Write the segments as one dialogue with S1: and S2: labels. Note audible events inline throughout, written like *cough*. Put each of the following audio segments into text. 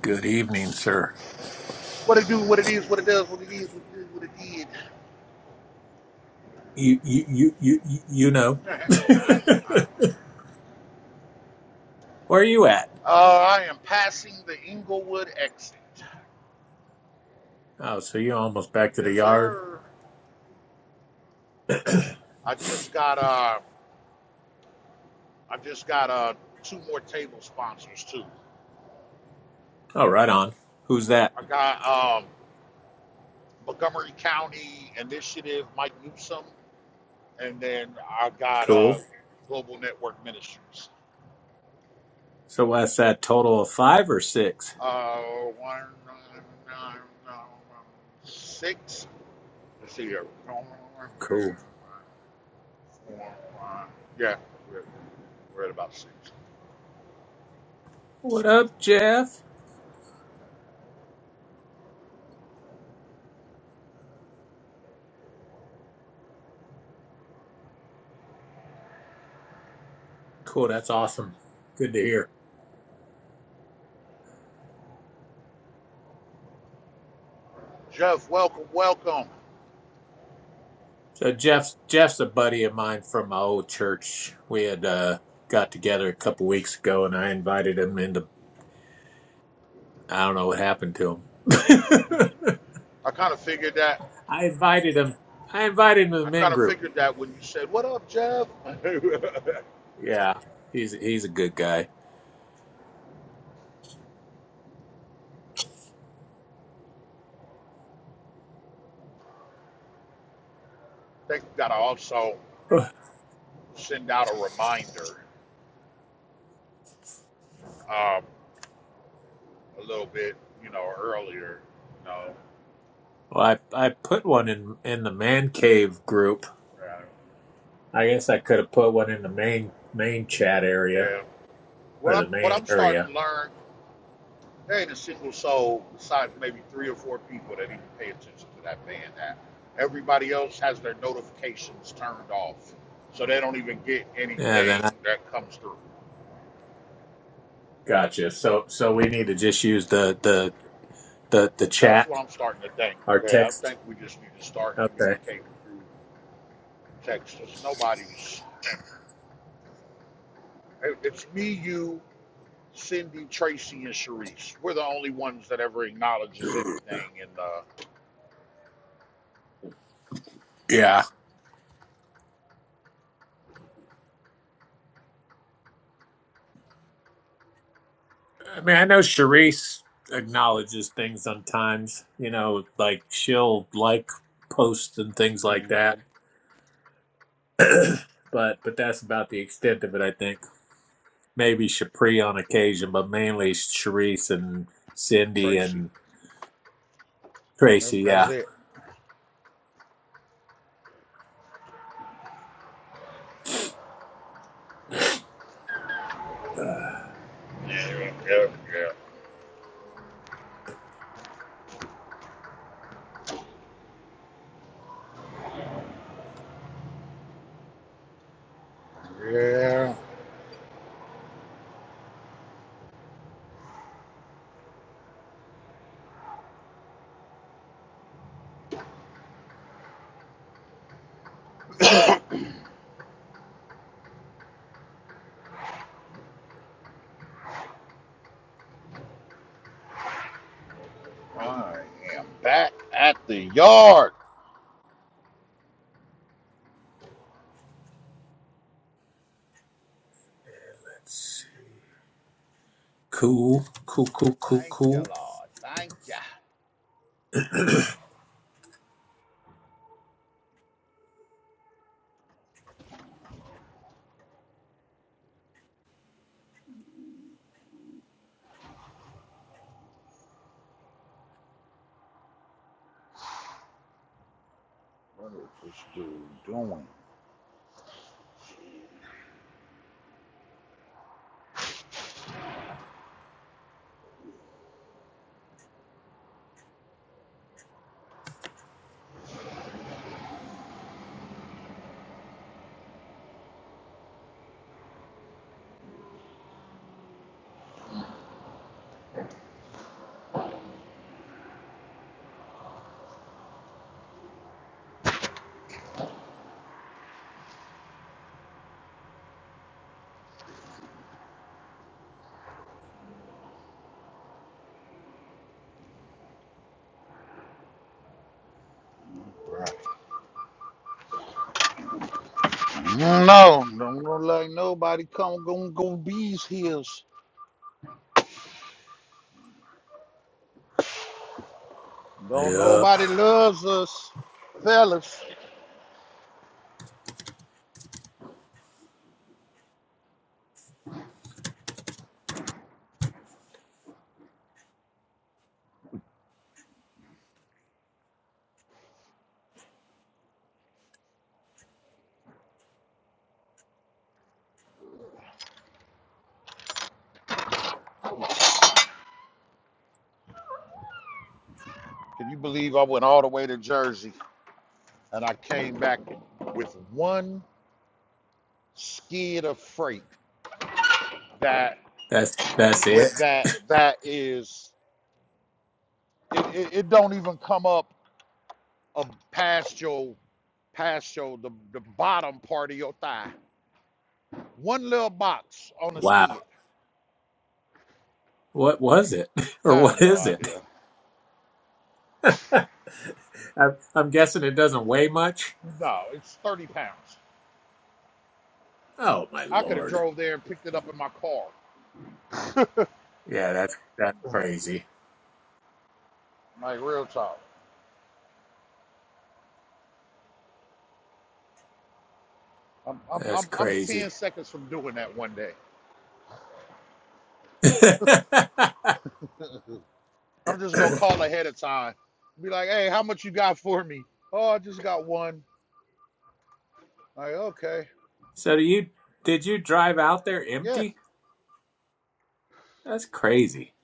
S1: Good evening, sir.
S2: What it do, what it is, what it does, what it is, what it is, what it did.
S1: You you you you you you know.
S2: *laughs* I,
S1: *laughs* Where are you at?
S2: Uh, I am passing the Inglewood exit.
S1: Oh, so you're almost back to the
S2: Yes,
S1: yard.
S2: sir. I just got uh, I just got uh, two more table sponsors too.
S1: Oh, right on. Who's that?
S2: I got um, Montgomery County Initiative, Mike Newsom, and then I got uh,
S1: Cool.
S2: Global Network Ministries.
S1: So what's that total of five or six.
S2: Uh, one, nine, nine, nine, six. Let's see here.
S1: Cool.
S2: Uh, yeah, we're, we're at about six.
S1: What up, Jeff? Cool. That's awesome. Good to hear.
S2: Jeff, welcome, welcome.
S1: So Jeff's Jeff's a buddy of mine from my old church. We had uh, got together a couple weeks ago, and I invited him into. I don't know what happened to him. *laughs*
S2: I kind of figured that.
S1: I invited him. I invited him to the
S2: I
S1: men
S2: kind of
S1: group
S2: figured that when you said, "What up, Jeff?" *laughs* I
S1: Yeah, he's he's a good guy.
S2: think that I also
S1: *sighs*
S2: send out a reminder um, a little bit, you know, earlier. You know,
S1: Well, I I put one in in the man cave group.
S2: uh,
S1: I guess I could have put one in the main main chat area
S2: yeah. What
S1: or
S2: I'm
S1: the
S2: what
S1: main
S2: I'm starting
S1: area.
S2: to learn There ain't a single soul, besides maybe three or four people, that even pay attention to that band app. Everybody else has their notifications turned off, so they don't even get
S1: Yeah, then
S2: anything
S1: I
S2: that comes through.
S1: gotcha. So so we need to just use the the the the
S2: That's
S1: chat
S2: what I'm starting to think.
S1: our
S2: Yeah, I
S1: text.
S2: think we just need to start
S1: Okay.
S2: communicating through text. There's nobody's. It's me, you, Cindy, Tracy, and Sharice. We're the only ones that ever acknowledges anything in uh,
S1: Yeah. I mean, I know Charisse acknowledges things sometimes. You know, like she'll like posts and things like
S2: mhm,
S1: that. But but that's about the extent of it, I think. maybe Shapri on occasion, but mainly Sharice and Cindy
S2: Tracy.
S1: and Tracy.
S2: That's
S1: Yeah.
S2: it.
S1: Uh,
S2: Yeah, yeah, yeah. Yeah. I am back at the yard.
S1: it's cool, cool, cool, cool,
S2: Thank you,
S1: cool.
S2: Lord. Thank you. What is this dude doing? Right. No, no, don't look like nobody come gonna go these hills. Don't
S1: Yep.
S2: nobody loves us, fellas. Can you believe I went all the way to Jersey and I came back with one skid of freight that
S1: That's that's it.
S2: with that that is it, it, it don't even come up um, past your past your the, the bottom part of your thigh. One little box on the
S1: Wow.
S2: skid.
S1: What was it, *laughs* or
S2: I
S1: what
S2: have no
S1: is it?
S2: idea.
S1: *laughs* I'm, I'm guessing it doesn't weigh much.
S2: No, it's 30 pounds.
S1: Oh my
S2: I could have
S1: lord.
S2: drove there and picked it up in my car.
S1: Yeah, that's that's crazy.
S2: Like real talk. I'm I'm
S1: That's
S2: I'm, I'm
S1: crazy.
S2: 10 seconds from doing that one day.
S1: *laughs* so
S2: I'm just gonna call ahead of time. Be like, hey, how much you got for me? Oh, I just got one. Like, okay.
S1: do you did you drive out there
S2: Yeah,
S1: empty? That's crazy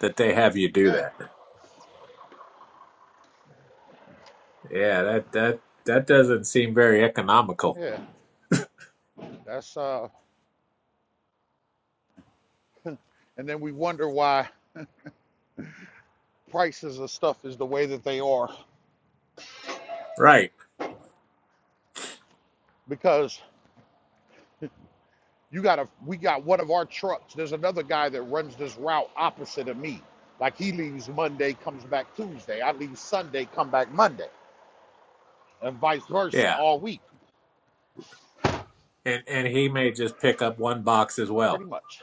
S1: that they have you do
S2: yeah,
S1: that. Yeah, that that that doesn't seem very economical.
S2: yeah. That's uh and then we wonder why prices of stuff is the way that they are.
S1: Right.
S2: Because You got a we got one of our trucks. There's another guy that runs this route opposite of me. Like he leaves Monday, comes back Tuesday. I leave Sunday, come back Monday, and vice versa
S1: Yeah.
S2: all week,
S1: And and he may just pick up one box as well.
S2: pretty much.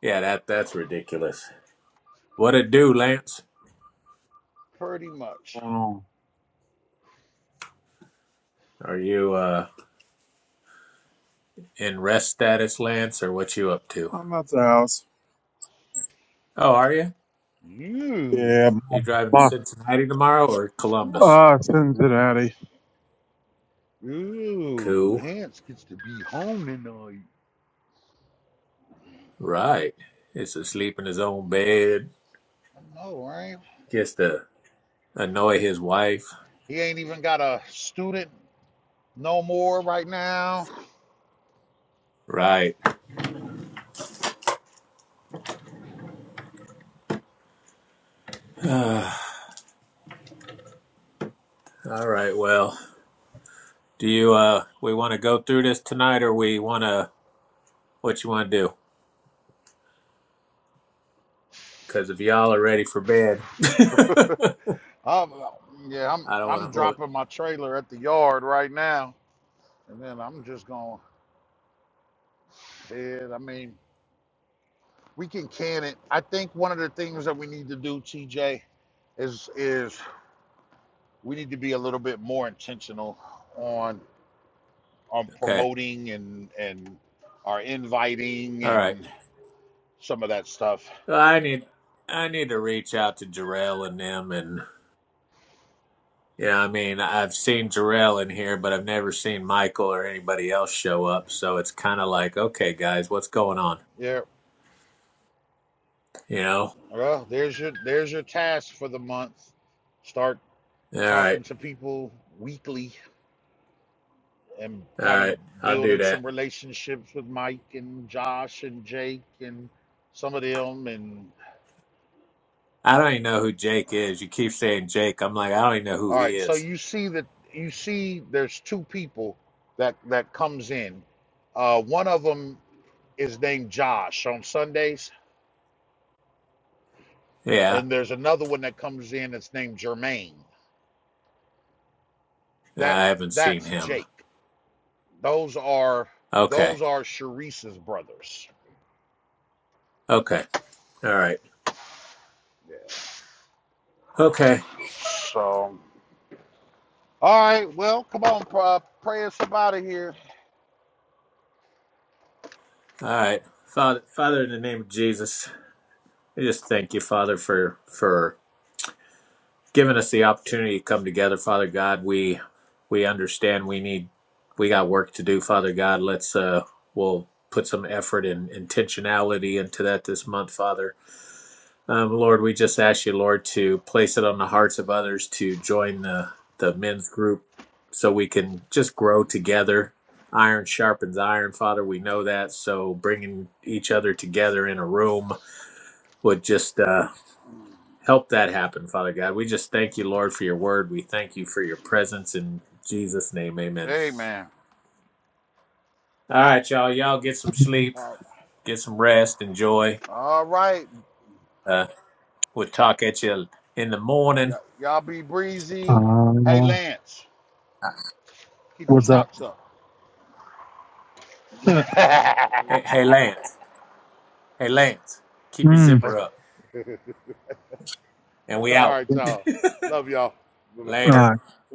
S1: Yeah, that that's ridiculous. What it do, Lance?
S2: Pretty much.
S3: going on?
S1: Are you uh in rest status, Lance, or what you up to?
S3: I'm at the house.
S1: Oh, are you?
S2: Ooh,
S3: Yeah,
S1: You driving to
S3: my,
S1: Cincinnati tomorrow or Columbus?
S3: uh, Cincinnati.
S2: ooh,
S1: Cool.
S2: Lance gets to be home tonight.
S1: Right. Gets to sleep in his own bed.
S2: I know, right?
S1: Gets to annoy his wife.
S2: He ain't even got a student no more right now.
S1: Right. *sighs* all right, well. Do you uh we want to go through this tonight or we want to What you want to do? Because if y'all are ready for bed, *laughs*
S2: Um, yeah, I'm
S1: I don't want to
S2: I'm
S1: hold.
S2: dropping my trailer at the yard right now, and then I'm just gonna head. I mean, we can can it. I think one of the things that we need to do, TJ, is is we need to be a little bit more intentional on on
S1: Okay,
S2: promoting and and our inviting
S1: all right.
S2: and some of that stuff.
S1: So I need I need to reach out to Jarrell and them, and yeah, I mean I've seen Jarrell in here, but I've never seen Michael or anybody else show up. So it's kind of like, okay, guys, what's going on?
S2: Yeah.
S1: You know?
S2: Well, there's your there's your task for the month. Start
S1: All right,
S2: talking to people weekly and
S1: all
S2: kind of
S1: right. I'll do
S2: building
S1: that.
S2: some relationships with Mike and Josh and Jake and some of them and
S1: I don't even know who Jake is. You keep saying Jake. I'm like, I don't even know who
S2: All
S1: he
S2: right, so
S1: is.
S2: you see that you see there's two people that that comes in. Uh, one of them is named Josh on Sundays,
S1: Yeah,
S2: and there's another one that comes in that's named Jermaine. That
S1: I haven't seen
S2: that's
S1: him.
S2: Jake. Those are
S1: Okay,
S2: those are Sharice's brothers.
S1: okay, all right,
S2: Yeah.
S1: okay.
S2: So all right, well, come on, uh, pray us out of here.
S1: All right. Father, Father, in the name of Jesus, we just thank you, Father, for for giving us the opportunity to come together, Father God. We we understand we need we got work to do, Father God. Let's uh we'll put some effort and intentionality into that this month, Father. Um, Lord, we just ask you, Lord, to place it on the hearts of others to join the, the men's group so we can just grow together. Iron sharpens iron, Father. We know that. So bringing each other together in a room would just uh, help that happen, Father God. We just thank you, Lord, for your word. We thank you for your presence in Jesus' name. Amen.
S2: Amen.
S1: All right, y'all. Y'all get some sleep,
S2: Uh,
S1: get some rest, enjoy.
S2: all right,
S1: Uh, we'll talk at you in the
S2: y-
S1: morning.
S2: y'all be breezy. Hey,
S3: Uh,
S2: Lance, keep your
S3: what's up?
S2: socks up.
S3: *laughs*
S2: *laughs*
S1: Hey, hey Lance. Hey, Lance, keep your
S3: Mm,
S1: zipper
S2: All
S1: up. And we out.
S2: right,
S3: all
S2: y'all. Love y'all. Bye bye.
S1: Later.
S3: right.